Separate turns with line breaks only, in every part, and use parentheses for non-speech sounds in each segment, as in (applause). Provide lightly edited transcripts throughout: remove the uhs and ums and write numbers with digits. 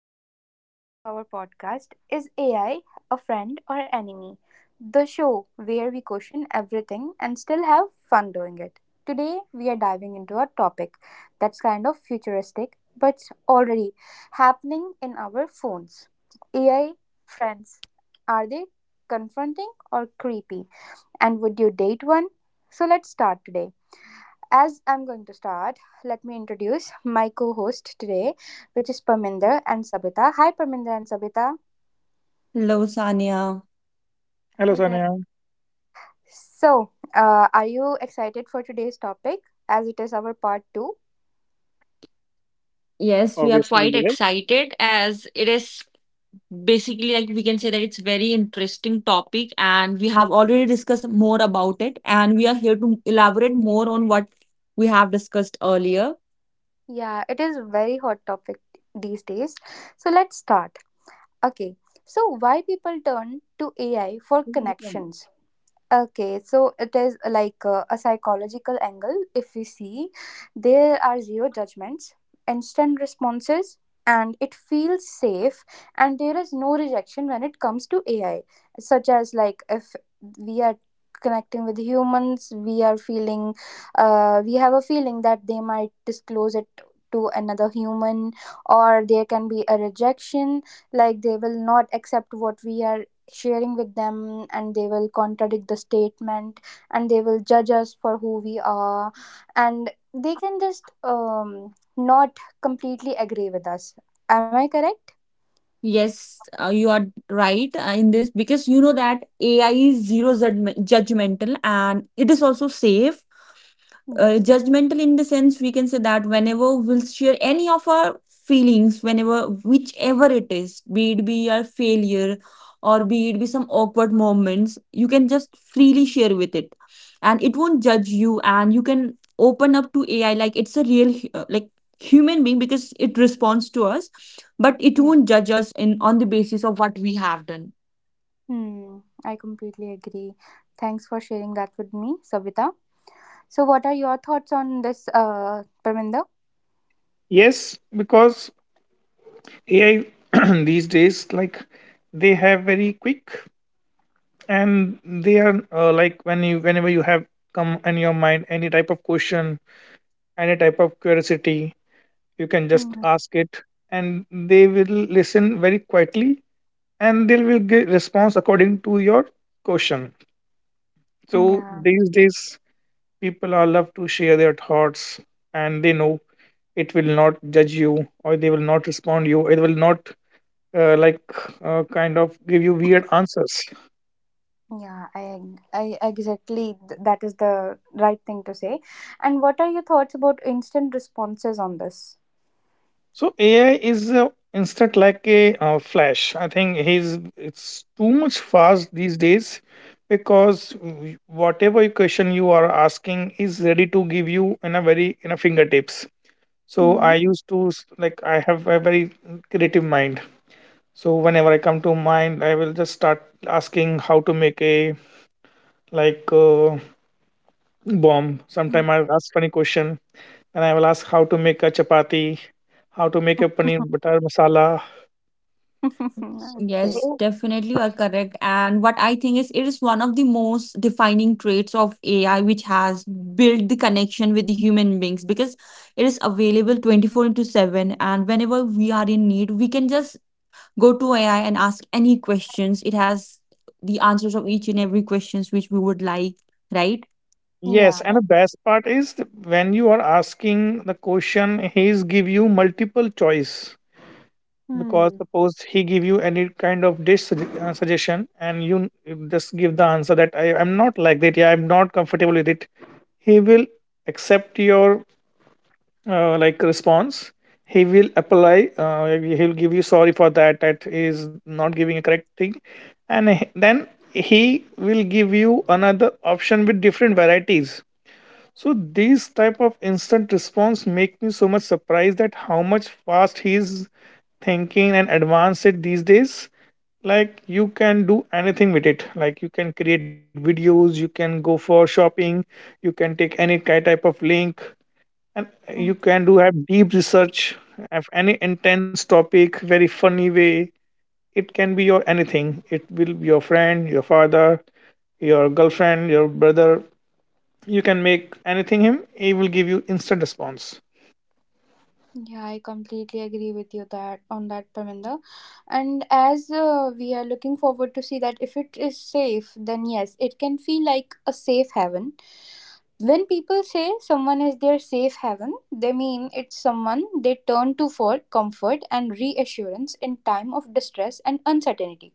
guys, welcome back to our podcast Is AI a Friend or Enemy? The show where we question everything and still have fun doing it. Today, we are diving into a topic that's kind of futuristic but already happening in our phones. AI friends, are they confronting or creepy? And would you date one? So, let's start today. As I'm going to start, let me introduce my co host today, which is Parminder and Sabita. Hi, Parminder and Sabita.
Hello, Sanya.
Hello,
Hi, guys.
Sanya.
So, are you excited for today's topic as it is our part two?
Yes, we are
Obviously,
quite
yes.
excited as it is basically, like, we can say that it's very interesting topic and we have already discussed more about it and we are here to elaborate more on what we have discussed earlier.
Yeah, it is very hot topic these days. So, let's start. Okay. So, why people turn to AI for connections? Okay, so it is like a psychological angle. If we see, there are zero judgments, instant responses, and it feels safe, and there is no rejection when it comes to AI, such as like if we are connecting with humans, we are feeling, we have a feeling that they might disclose it to another human, or there can be a rejection, like they will not accept what we are sharing with them and they will contradict the statement and they will judge us for who we are and they can just not completely agree with us. Am I correct?
Yes, you are right in this because you know that AI is judgmental and it is also safe,
Yes.
judgmental in the sense we can say that whenever we'll share any of our feelings, whenever, whichever it is, be it be our failure or be it be some awkward moments, you can just
Mhm.
freely share with it, and it won't judge you, and you can open up to AI like it's a real human being because it responds to us, but it
Yeah.
won't judge us in on the basis of what we have done.
Hmm, I completely agree. Thanks for sharing that with me, Savita. So what are your thoughts on this, Parminder?
Yes, because AI (clears throat) these days, like they have very quick, and they are like when you whenever you have come in your mind any type of question, any type of curiosity, you can just
Hmm,
ask it, and they will listen very quietly and they will give response according to your question. So
yeah.
these days people are love to share their thoughts, and they know it will not judge you or they will not respond you, it will not like kind of give you weird answers.
Yeah, I exactly that is the right thing to say. And what are your thoughts about instant responses on this?
So AI is instant like a flash, I think he's it's too much fast these days because whatever question you are asking is ready to give you in a very in a fingertips. So
Hmm.
I used to s- like I have a very creative mind, so whenever I come to mind I will just start asking how to make a like bomb. Sometime I ask funny question, and I will ask how to make a chapati, how to make a paneer
(laughs)
butter masala.
Okay.
Yes,
So
definitely you are correct. And what I think is it is one of the most defining traits of AI which has built the connection with the human beings because it is available 24 into 7, and whenever we are in need, we can just go to AI and ask any questions. It has the answers of each and every questions which we would like, right?
yes,
Yeah.
and the best part is when you are asking the question, he's give you multiple choice because
Hmm.
suppose he give you any kind of dish suggestion and you just give the answer that I am not like that, yeah, I'm not comfortable with it. He will accept your like response, he will apply he'll give you sorry for that, that is not giving a correct thing, and then he will give you another option with different varieties. So these type of instant response make me so much surprised that how much fast he's thinking and advanced it these days. Like you can do anything with it, like you can create videos, you can go for shopping, you can take any type of link, and
Mm.
you can do have deep research, have any intense topic very funny way. It can be your anything, it will be your friend, your father, your girlfriend, your brother, you can make anything him, he will give you instant response.
Yeah, I completely agree with you that on that, Paminda. And as we are looking forward to see that if it is safe, then yes, it can feel like a safe haven. When people say someone is their safe haven, they mean it's someone they turn to for comfort and reassurance in time of distress and uncertainty.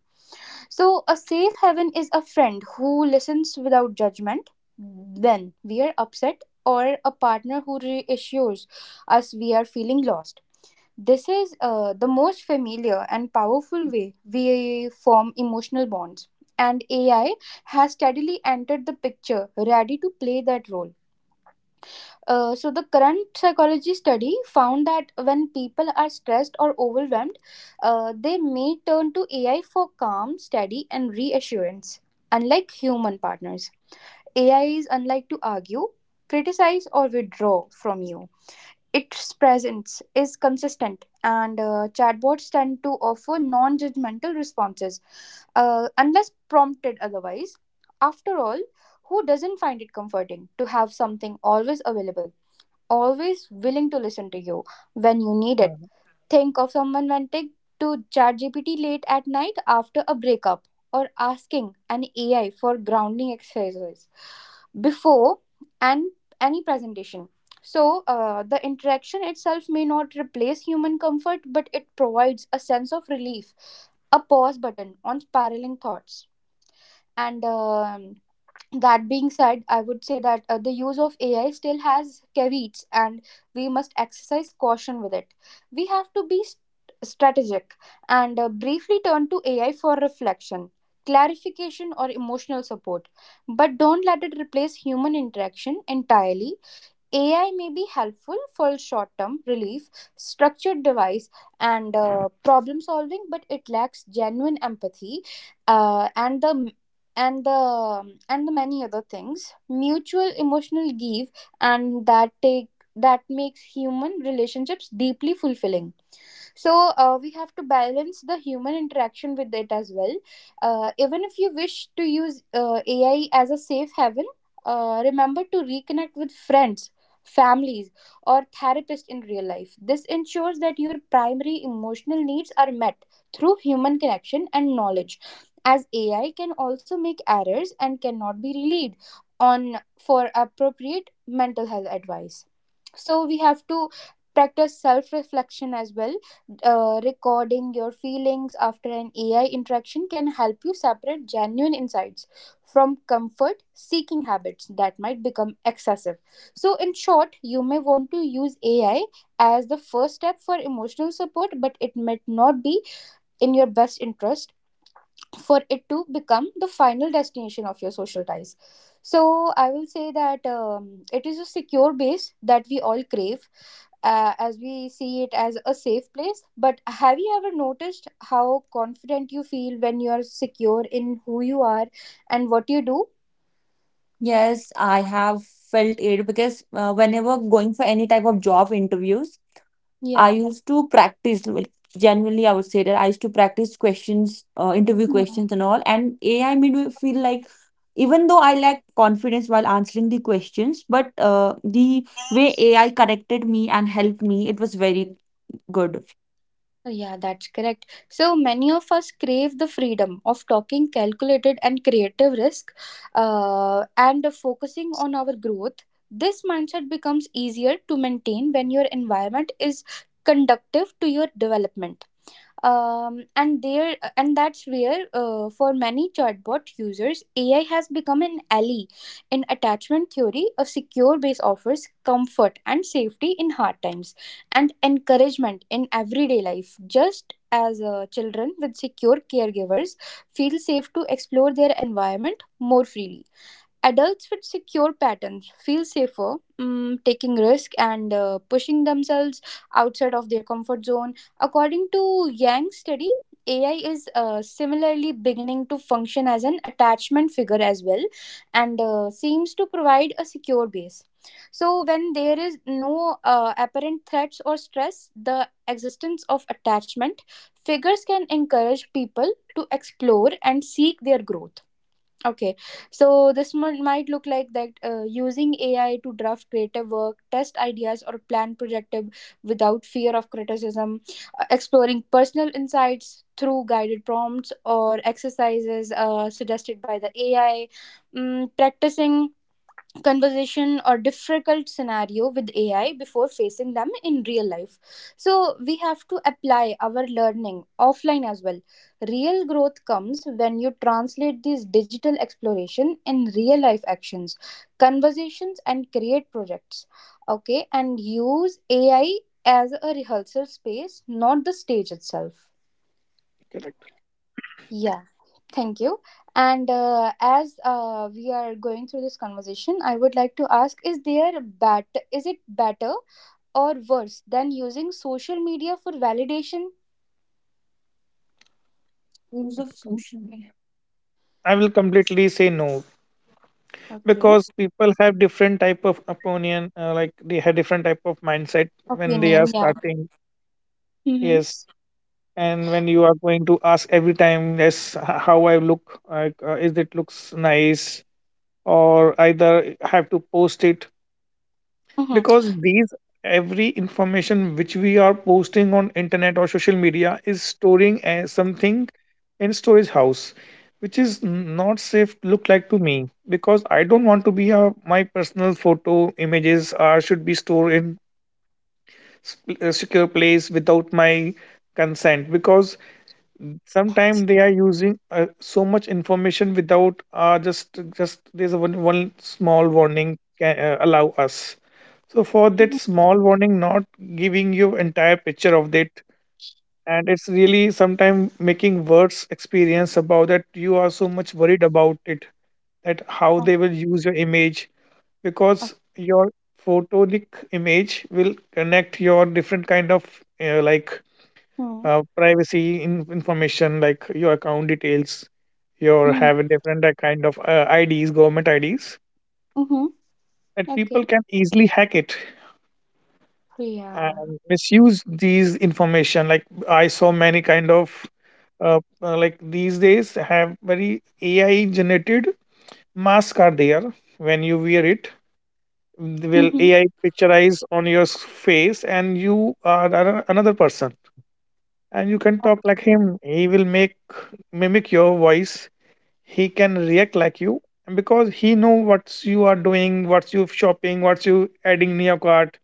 So, a safe haven is a friend who listens without judgment when we are upset, or a partner who reassures us we are feeling lost. This is the most familiar and powerful way we form emotional bonds, and AI has steadily entered the picture, ready to play that role. So the current psychology study found that when people are stressed or overwhelmed, they may turn to AI for calm, steady, and reassurance. Unlike human partners, AI is unlike to argue, criticize, or withdraw from you. Its presence is consistent, and chatbots tend to offer non-judgmental responses, unless prompted otherwise. After all, who doesn't find it comforting to have something always available, always willing to listen to you when you need
Uh,
it? Think of someone venting to ChatGPT late at night after a breakup or asking an AI for grounding exercises before and any presentation. So, the interaction itself may not replace human comfort, but it provides a sense of relief, a pause button on spiraling thoughts. And that being said, I would say that the use of AI still has caveats and we must exercise caution with it. We have to be strategic and briefly turn to AI for reflection, clarification, or emotional support, but don't let it replace human interaction entirely. AI may be helpful for short term relief, structured device, and problem solving, but it lacks genuine empathy uh, and the and the many other things, mutual emotional give and that take that makes human relationships deeply fulfilling. So we have to balance the human interaction with it as well. Even if you wish to use AI as a safe haven, remember to reconnect with friends, families, or therapists in real life. This ensures that your primary emotional needs are met through human connection and knowledge, as AI can also make errors and cannot be relied on for appropriate mental health advice. So we have to practice self reflection as well. Recording your feelings after an AI interaction can help you separate genuine insights from comfort seeking habits that might become excessive. So in short, you may want to use AI as the first step for emotional support, but it might not be in your best interest for it to become the final destination of your social ties. So I will say that it is a secure base that we all crave, as we see it as a safe place. But have you ever noticed how confident you feel when you are secure in who you are and what you do?
Yes, I have felt it because whenever going for any type of job interviews, I
Yeah.
used to practice, like, genuinely, I would say that I used to practice questions, interview questions and all. And AI made me feel like, even though I lacked confidence while answering the questions, but the way AI corrected me and helped me, it was very good.
Yeah, that's correct. So many of us crave the freedom of talking calculated and creative risk and focusing on our growth. This mindset becomes easier to maintain when your environment is conductive to your development. And that's where for many chatbot users AI has become an ally. In attachment theory, a secure base offers comfort and safety in hard times and encouragement in everyday life. Just as children with secure caregivers feel safe to explore their environment more freely, adults with secure patterns feel safer taking risk and pushing themselves outside of their comfort zone. According to Yang's study, AI is similarly beginning to function as an attachment figure as well and seems to provide a secure base. So, when there is no apparent threats or stress, the existence of attachment figures can encourage people to explore and seek their growth. Okay, so this might look like that using AI to draft creative work, test ideas, or plan projective without fear of criticism, exploring personal insights through guided prompts or exercises suggested by the AI, practicing conversation or difficult scenario with AI before facing them in real life. So we have to apply our learning offline as well. Real growth comes when you translate these digital exploration in real life actions, conversations, and create projects. Okay, and use AI as a rehearsal space, not the stage itself.
correct.
Yeah. Thank you. And as we are going through this conversation, I would like to ask: Is there bat? Is it better or worse than using social media for validation?
Use of
Com-
social media.
I will completely say no
Okay.
because people have different type of opinion, like they have different type of mindset when they are
Opinion. Yeah.
starting.
Mm-hmm.
Yes, and when you are going to ask every time yes, how I look like, is it looks nice or either have to post it,
Mm-hmm.
because these every information which we are posting on internet or social media is storing as something in storage house, which is not safe look like to me, because I don't want to be a, my personal photo images are should be stored in a secure place without my consent, because sometimes they are using so much information without just there's a one small warning can allow us. So for that small warning not giving you entire picture of that, and it's really sometimes making worse experience about that, you are so much worried about it, that how
Okay.
they will use your image
Okay.
because your photonic image will connect your different kind of like
Mm-hmm.
privacy in, information like your account details, your have a different kind of IDs, government IDs,
Mm-hmm.
that
Okay.
people can easily hack it
Yeah.
and misuse these information. Like I saw many kind of like these days have very AI generated masks are there. When you wear it, they will
Mm-hmm.
AI picturize on your face and you are another person, and you can talk like him. He will make mimic your voice, he can react like you, because he know what you are doing, what's you shopping, what's you adding in your cart,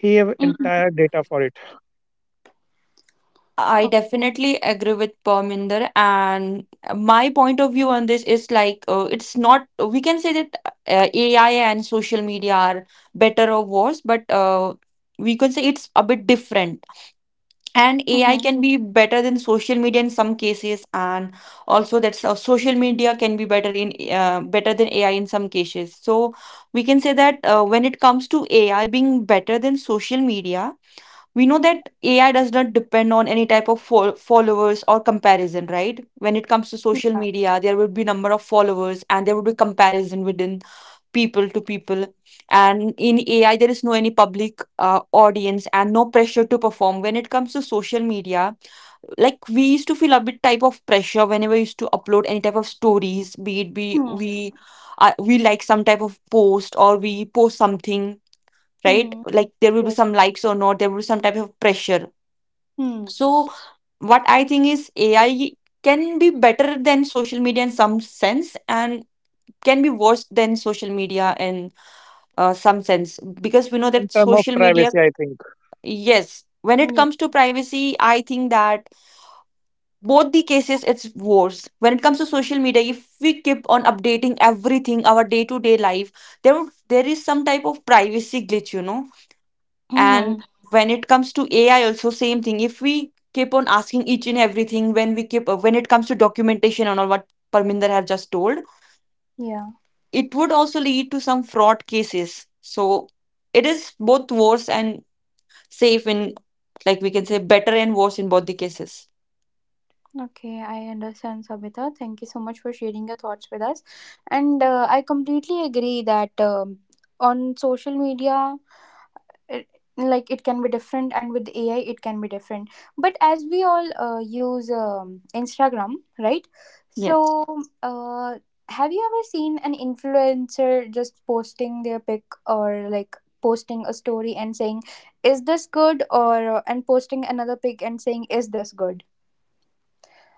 he have entire
Mm-hmm.
data for it.
I
Okay.
definitely agree with Parminder, and my point of view on this is like, it's not, we can say that AI and social media are better or worse, but we can say it's a bit different. And
Mm-hmm.
AI can be better than social media in some cases, and also that social media can be better in, better than AI in some cases. So we can say that when it comes to AI being better than social media, we know that AI does not depend on any type of followers or comparison, right? When it comes to social
Yeah.
media, there would be number of followers and there would be comparison within people to people, and in AI there is no any public audience and no pressure to perform. When it comes to social media, like we used to feel a bit type of pressure whenever we used to upload any type of stories, be it be we, we like some type of post or we post something, right?
Mm-hmm.
Like, there will be
Yes.
some likes or not, there will be some type of pressure.
Mm-hmm.
So, what I think is AI can be better than social media in some sense and can be worse than social media in some sense, because we know
In
that
term of
social media,
privacy, I think.
yes, when it
Yeah.
comes to privacy, I think that both the cases it's worse. When it comes to social media, if we keep on updating everything, our day to day life, there is some type of privacy glitch, you know.
Mm-hmm.
And when it comes to AI also, same thing, if we keep on asking each and everything, when we keep, when it comes to documentation and all, what Parminder have just told,
Yeah.
it would also lead to some fraud cases. So it is both worse and safe in, like we can say, better and worse in both the cases.
Okay, I understand, Sabita. Thank you so much for sharing your thoughts with us. And I completely agree that on social media, it, like it can be different, and with AI, it can be different. But as we all use Instagram, right?
Yes.
So, have you ever seen an influencer just posting their pic or like posting a story and saying, "Is this good?" or and posting another pic and saying, "Is this good?"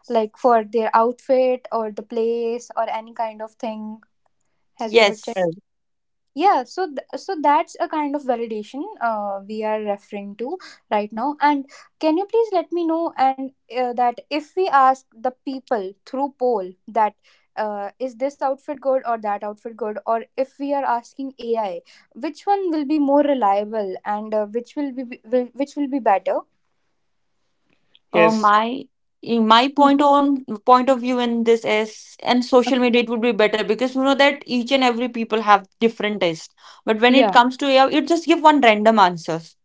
like for their outfit or the place or any kind of thing, have you ever checked?
Yes,
And
Yeah, so so that's a kind of validation we are referring to right now. And can you please let me know and that if we ask the people through poll that is this outfit good or that outfit good, or if we are asking AI, which one will be more reliable and which will be better?
yes.
my in my
Hmm.
point on point of view in this is, and social media it would be better because you know that each and every people have different taste, but when
Yeah.
it comes to AI it just give one random answers.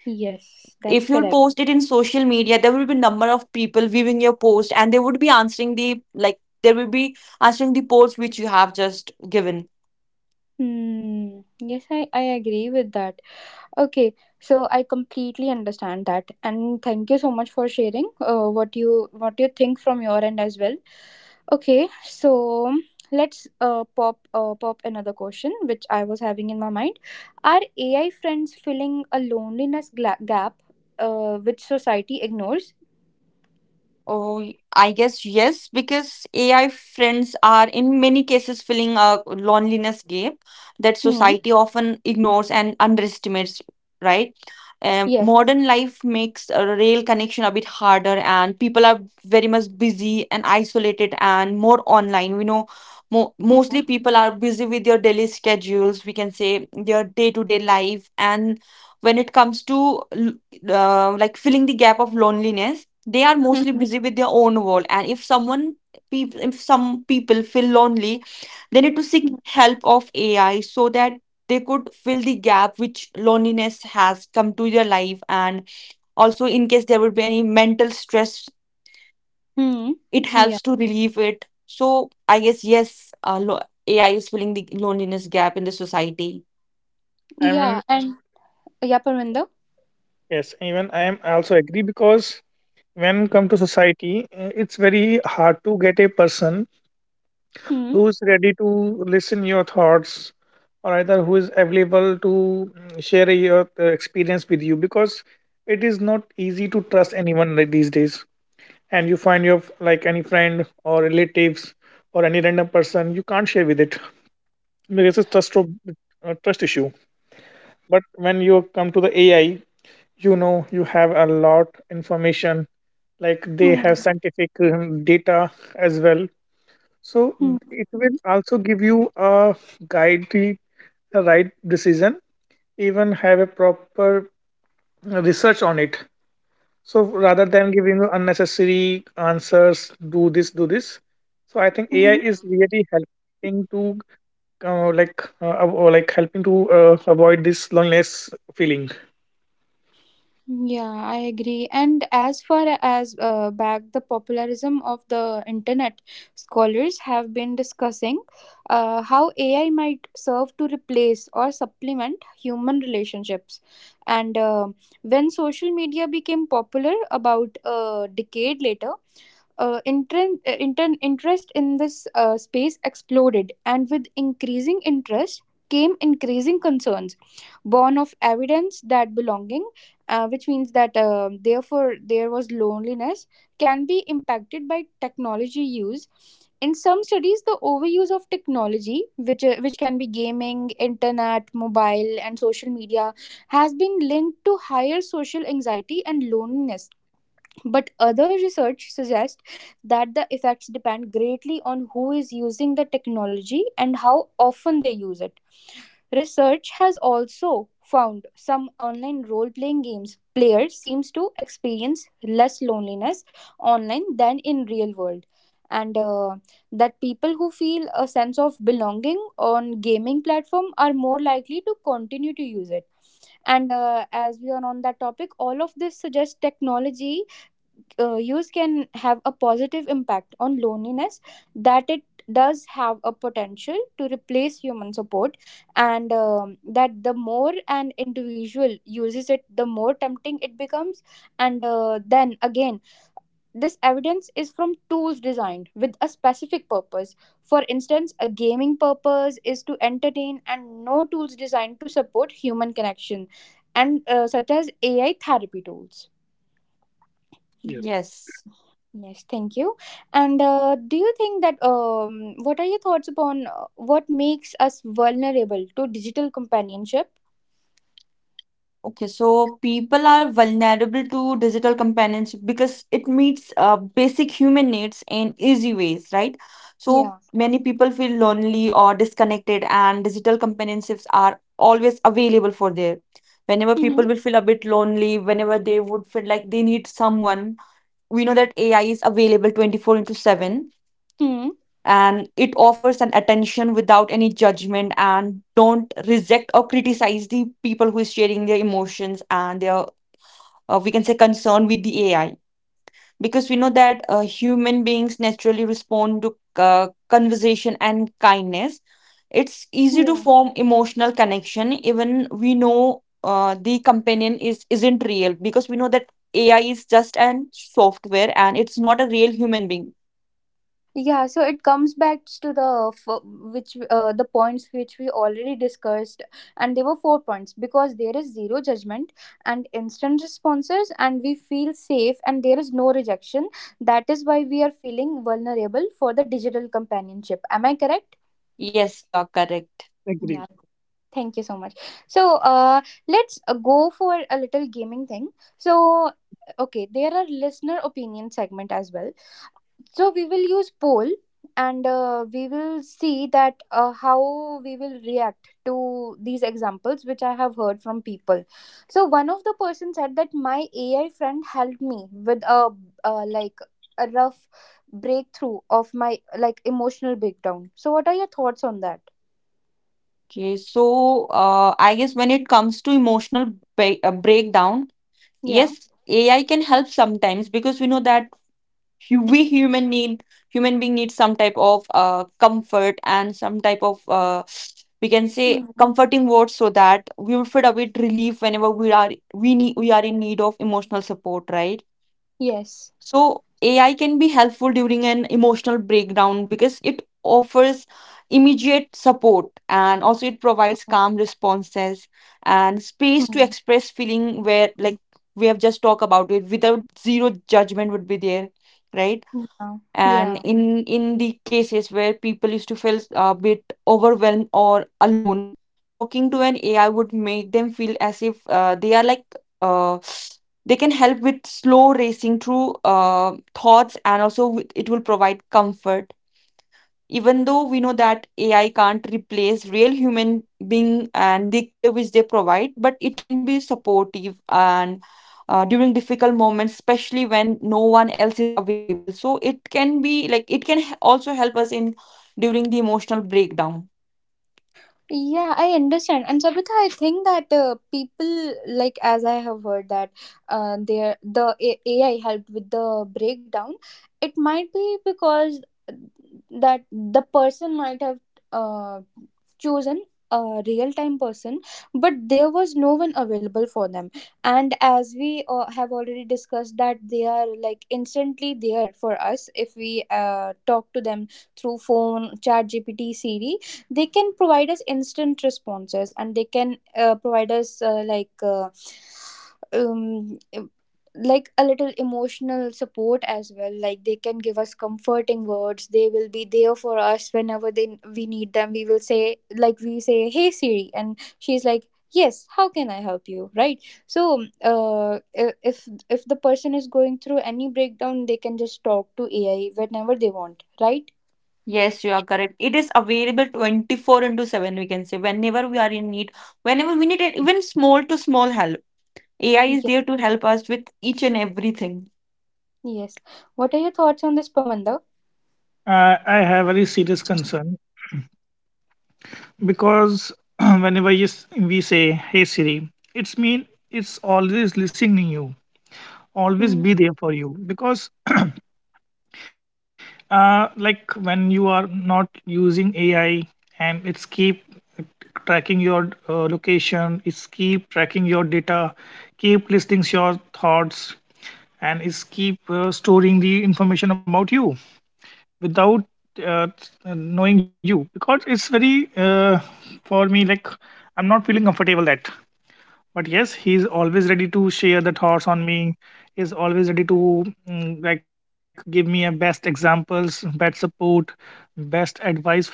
Yes, that's
If you'll
correct.
post it in social media, there will be number of people viewing your post and they would be answering the, like, there will be answering the post which you have just given.
Hmm. Yes, I agree with that. Okay, so I completely understand that, and thank you so much for sharing what you think from your end as well. Okay, so let's pop another question which I was having in my mind. Are AI friends filling a loneliness gap which society ignores?
I guess yes, because AI friends are in many cases filling a loneliness gap that
Hmm.
society often ignores and underestimates, right?
Yes.
Modern life makes a real connection a bit harder, and people are very much busy and isolated and more online. We know mo
Hmm.
mostly people are busy with their daily schedules, we can say their day-to-day life. And when it comes to like, filling the gap of loneliness, they are mostly
Hmm.
busy with their own world, and if someone, if some people feel lonely, they need to seek
Hmm.
help of AI so that they could fill the gap which loneliness has come to their life. And also in case there would be any mental stress,
Hmm,
it
hmm. Yeah.
helps to relieve it. So I guess yes, AI is filling the loneliness gap in the society.
I mean
Yeah. And yeah, Parminder.
yes, even I am also agree because when come to society, it's very hard to get a person
Hmm.
who is ready to listen your thoughts, or either who is available to share your experience with you, because it is not easy to trust anyone like these days, and you find your like any friend or relatives or any random person you can't share with it, because it's trust of, trust issue. But when you come to the AI, you know you have a lot information, like they
Hmm.
have scientific data as well, so
Hmm.
it will also give you a guide the right decision, even have a proper research on it. So rather than giving you unnecessary answers, do this, do this. So I think AI
Mhm.
is really helping to like av- or like helping to avoid this loneliness feeling.
Yeah, I agree. And as far as back the popularism of the internet, scholars have been discussing how AI might serve to replace or supplement human relationships. And when social media became popular about a decade later, interest in this space exploded, and with increasing interest came increasing concerns born of evidence that belonging, which means that therefore there was loneliness, can be impacted by technology use. In some studies, the overuse of technology, which can be gaming, internet, mobile, and social media, has been linked to higher social anxiety and loneliness, but other research suggests that the effects depend greatly on who is using the technology and how often they use it. Research has also found some online role playing games players seems to experience less loneliness online than in real world and that people who feel a sense of belonging on gaming platform are more likely to continue to use it and as we are on that topic, all of this suggests technology use can have a positive impact on loneliness, that it does have a potential to replace human support, and that the more an individual uses it, the more tempting it becomes. And uh, then again, this evidence is from tools designed with a specific purpose, for instance a gaming purpose is to entertain, and no tools designed to support human connection, and such as AI therapy tools.
Yes,
Yes.
Yes, thank you. And do you think that what are your thoughts upon what makes us vulnerable to digital companionship?
Okay, so people are vulnerable to digital companionship because it meets basic human needs in easy ways, right? So
Yeah.
many people feel lonely or disconnected, and digital companionships are always available for there. Whenever people
Mm-hmm.
will feel a bit lonely, whenever they would feel like they need someone, we know that AI is available 24 into 7,
Hmm.
and it offers an attention without any judgment and don't reject or criticize the people who is sharing their emotions and their, we can say, concern with the AI, because we know that human beings naturally respond to conversation and kindness. It's easy to
Yeah.
form emotional connection even we know the companion is isn't real, because we know that AI is just an software and it's not a real human being.
Yeah. So it comes back to which the points which we already discussed, and there were 4 points, because there is zero judgment and instant responses, and we feel safe, and there is no rejection. That is why we are feeling vulnerable for the digital companionship. Am I correct?
Yes, you are correct.
agree.
Yeah, thank you so much. So, let's go for a little gaming thing. So, okay, there are listener opinion segment as well. So we will use poll and we will see that how we will react to these examples which I have heard from people. So one of the person said that my AI friend helped me with a uh, like a rough breakthrough of my like emotional breakdown. So what are your thoughts on that?
Okay, so I guess when it comes to emotional breakdown,
Yeah.
yes, AI can help sometimes because we know that we human need, human being need some type of comfort and some type of, we can say,
Mm.
comforting words, so that we would feel a bit relief whenever we are, we need, we are in need of emotional support, right?
Yes.
So AI can be helpful during an emotional breakdown because it offers immediate support and also it provides calm responses and space to
Mm.
express feeling where, like we have just talked about it, without, zero judgment would be there, right?
Yeah.
And
Yeah.
in the cases where people used to feel a bit overwhelmed or alone, talking to an AI would make them feel as if they are like, uh, they can help with slow racing through thoughts, and also with, it will provide comfort. Even though we know that AI can't replace real human being and the care which they provide, but it can be supportive and during difficult moments, especially when no one else is available. So it can be like, it can also help us in during the emotional breakdown.
Yeah, I understand. And Sabita, I think that people, like as I have heard that AI helped with the breakdown. It might be because that the person might have uh, chosen a real-time person, but there was no one available for them. And as we have already discussed, that they are like instantly there for us if we talk to them through phone, chat GPT, Siri, they can provide us instant responses and they can provide us um, like a little emotional support as well. Like, they can give us comforting words, they will be there for us whenever they we need them. We will say, like we say, hey Siri, and she's like, yes, how can I help you, right? So if the person is going through any breakdown, they can just talk to AI whenever they want, right?
Yes, you are correct. It is available 24 into 7, we can say, whenever we are in need, whenever we need it, even small to small help. AI is
Yeah.
there to help us with each and everything.
Yes. What are your thoughts on this, Pamanda?
I have very serious concern because (clears throat) whenever you, we say, "Hey Siri," it's mean it's always listening you, always
Mm,
be there for you, because like when you are not using AI, and it's keep tracking your location, it's keep tracking your data, keep listing your thoughts, and it's keep storing the information about you without uh, knowing you, because it's very for me like I'm not feeling comfortable that, but yes, he's always ready to share the thoughts on me, is always ready to like give me a best examples, best support, best advice for it.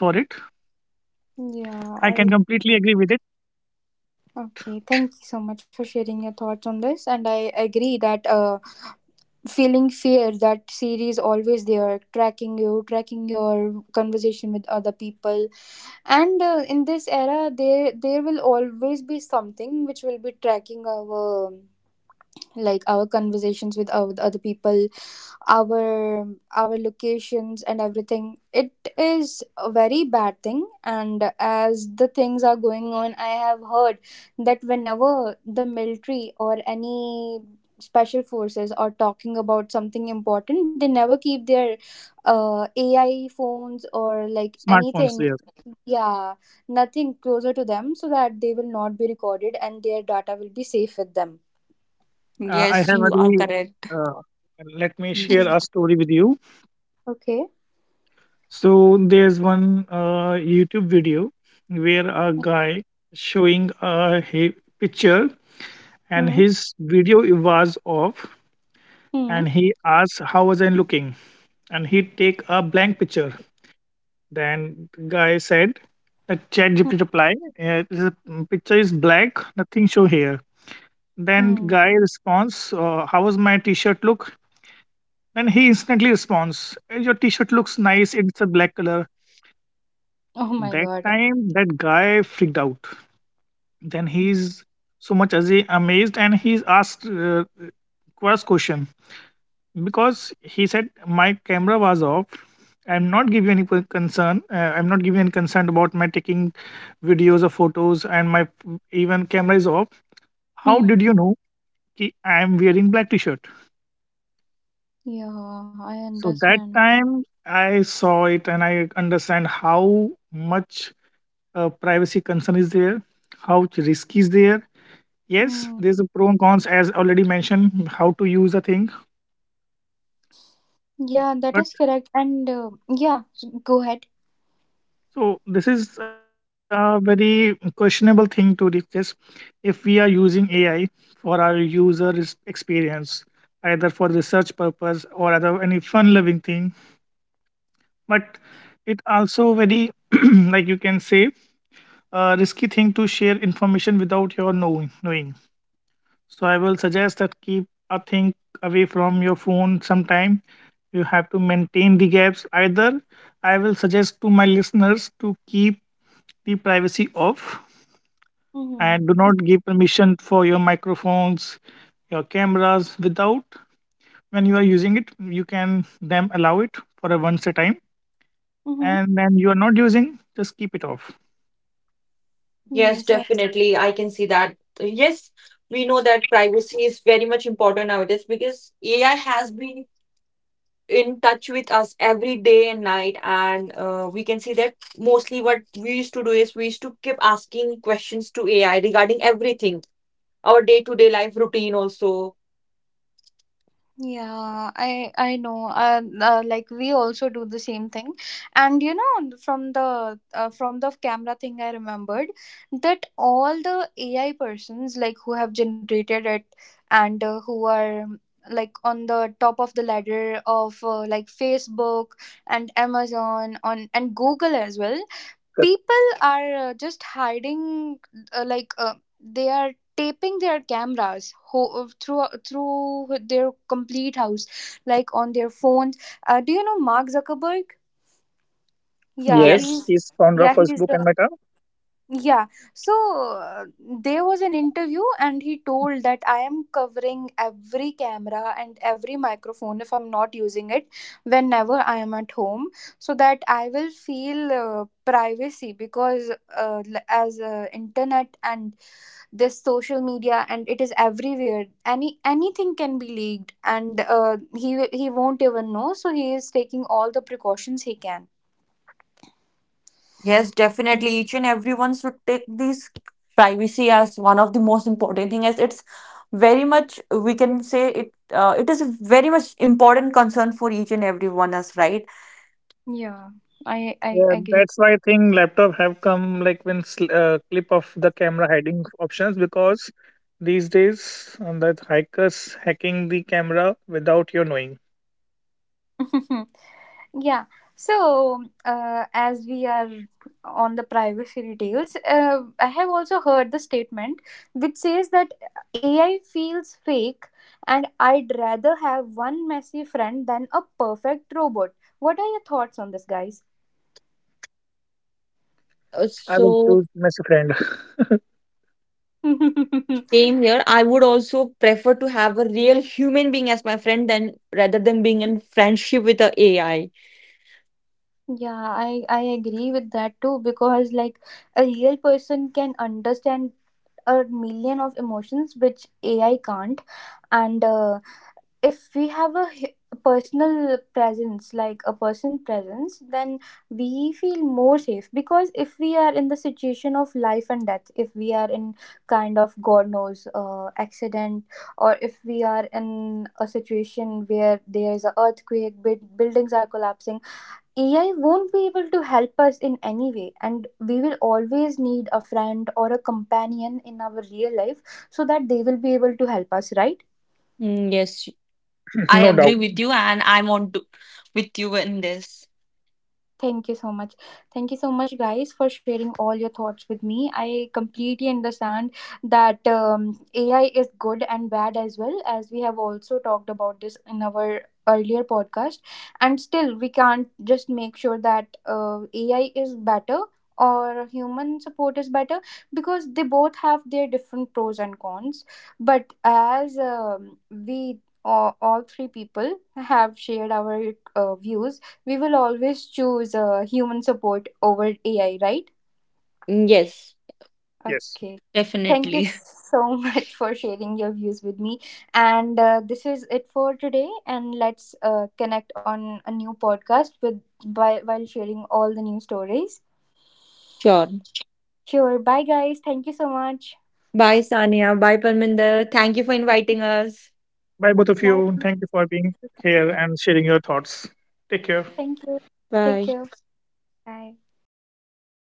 yeah,
I can
I
completely agree with it.
okay. Thank you so much for sharing your thoughts on this, and I agree that feeling fear that series always there, tracking you, tracking your conversation with other people, and in this era, there will always be something which will be tracking our, like, our conversations with our with other people, our our locations and everything. It is a very bad thing, and as the things are going on, I have heard that whenever the military or any special forces are talking about something important, they never keep their AI phones or like
Smartphones
anything,
there.
yeah, nothing closer to them, so that they will not be recorded and their data will be safe with them.
I
Yes,
have a
you are correct.
uh, let me share
Yes.
a
Yeah.
story with you.
Okay.
So there's one YouTube video where a guy showing a picture, and
Hmm.
his video was off, and he asked how was I looking, and he take a blank picture. Then guy said, the chat GPT reply, the picture is black, nothing show here." Then
Hmm.
guy responds, how was my t-shirt look? Then he instantly responds, "Eh, your t-shirt looks nice, it's a black color."
Oh my
That
god.
time, that guy freaked out. Then he's so much as he amazed, and he's asked first question, because he said my camera was off, I'm not giving any per- concern, I'm not giving any concern about my taking videos or photos, and even camera is off, how
Hmm.
did you know ki I'm wearing black t-shirt?
Yeah, I
So that
understand.
time I saw it and I understand how much privacy concern is there, how risky is there. Yes,
Mm.
there's a pro and cons as already mentioned how to use the thing,
Yeah, that
but.
is correct. And yeah, go ahead.
So this is a very questionable thing to discuss, if we are using AI for our user experience, either for research purpose or other any fun-loving thing. But it also very (clears throat) like you can say a risky thing to share information without your knowing. Knowing. So I will suggest that keep a thing away from your phone sometime. You have to maintain the gaps. Either I will suggest to my listeners to keep the privacy off,
Mm-hmm.
and do not give permission for your microphones, your cameras without when you are using it. You can then allow it for a once a time,
Mm-hmm.
and then you are not using, just keep it off.
Yes,
Yes,
definitely. I can see that. Yes, we know that privacy is very much important nowadays because AI has been in touch with us every day and night. And we can see that mostly what we used to do is we used to keep asking questions to AI regarding everything, our day to day life routine also.
yeah, I know. Like, we also do the same thing, and you know from the camera thing, I remembered that all the AI persons, like who have generated it and who are like on the top of the ladder of like Facebook and Amazon on and Google as well, people are just hiding uh, like uh, they are taping their cameras through their complete house, like on their phones. Do you know Mark Zuckerberg? Yeah,
Yes,
he's,
Yes.
he's founder of
yeah, he's,
Facebook and Meta.
yeah. So, there was an interview, and he told that I am covering every camera and every microphone if I'm not using it, whenever I am at home, so that I will feel privacy, because l- as internet and this social media and it is everywhere. Anything can be leaked, and he won't even know. So he is taking all the precautions he can.
Yes, definitely. Each and everyone should take this privacy as one of the most important thing, as it's very much, we can say, it it is a very much important concern for each and everyone us, right?
Yeah, I
Yeah,
agree.
that's why I think laptop have come like when clip of the camera hiding options, because these days that hackers hacking the camera without your knowing.
(laughs) Yeah. So, as we are on the privacy details, I have also heard the statement which says that AI feels fake and I'd rather have one messy friend than a perfect robot. What are your thoughts on this, guys?
Uh,
I will
so
choose messy friend,
same here.
(laughs)
I would also prefer to have a real human being as my friend than, rather than being in friendship with a AI.
Yeah, I agree with that too, because like a real person can understand a million of emotions which AI can't, and if we have a personal presence, like a person presence, then we feel more safe. Because if we are in the situation of life and death, if we are in kind of god knows accident, or if we are in a situation where there is a earthquake, buildings are collapsing, AI won't be able to help us in any way, and we will always need a friend or a companion in our real life, so that they will be able to help us, right?
Mm, yes,
(laughs)
I
no
agree
doubt.
with you, and I'm on to, with you in this.
Thank you so much. Thank you so much, guys, for sharing all your thoughts with me. I completely understand that AI is good and bad as well, as we have also talked about this in our earlier podcast. And still, we can't just make sure that AI is better or human support is better, because they both have their different pros and cons. But as we all three people have shared our views, we will always choose human support over AI, right?
Yes.
Yes.
Okay. Thank you
Definitely.
so (laughs) much for sharing your views with me. And this is it for today. And let's connect on a new podcast with by, while sharing all the new stories.
(laughs) Sure.
Sure. Bye, guys. Thank you so much.
Bye, Sania. Bye, Parminder. Thank you for inviting us.
Bye, both of
Bye.
you. Thank you for being here and sharing your thoughts. Take care.
Thank you. Take
Bye.
care. Bye.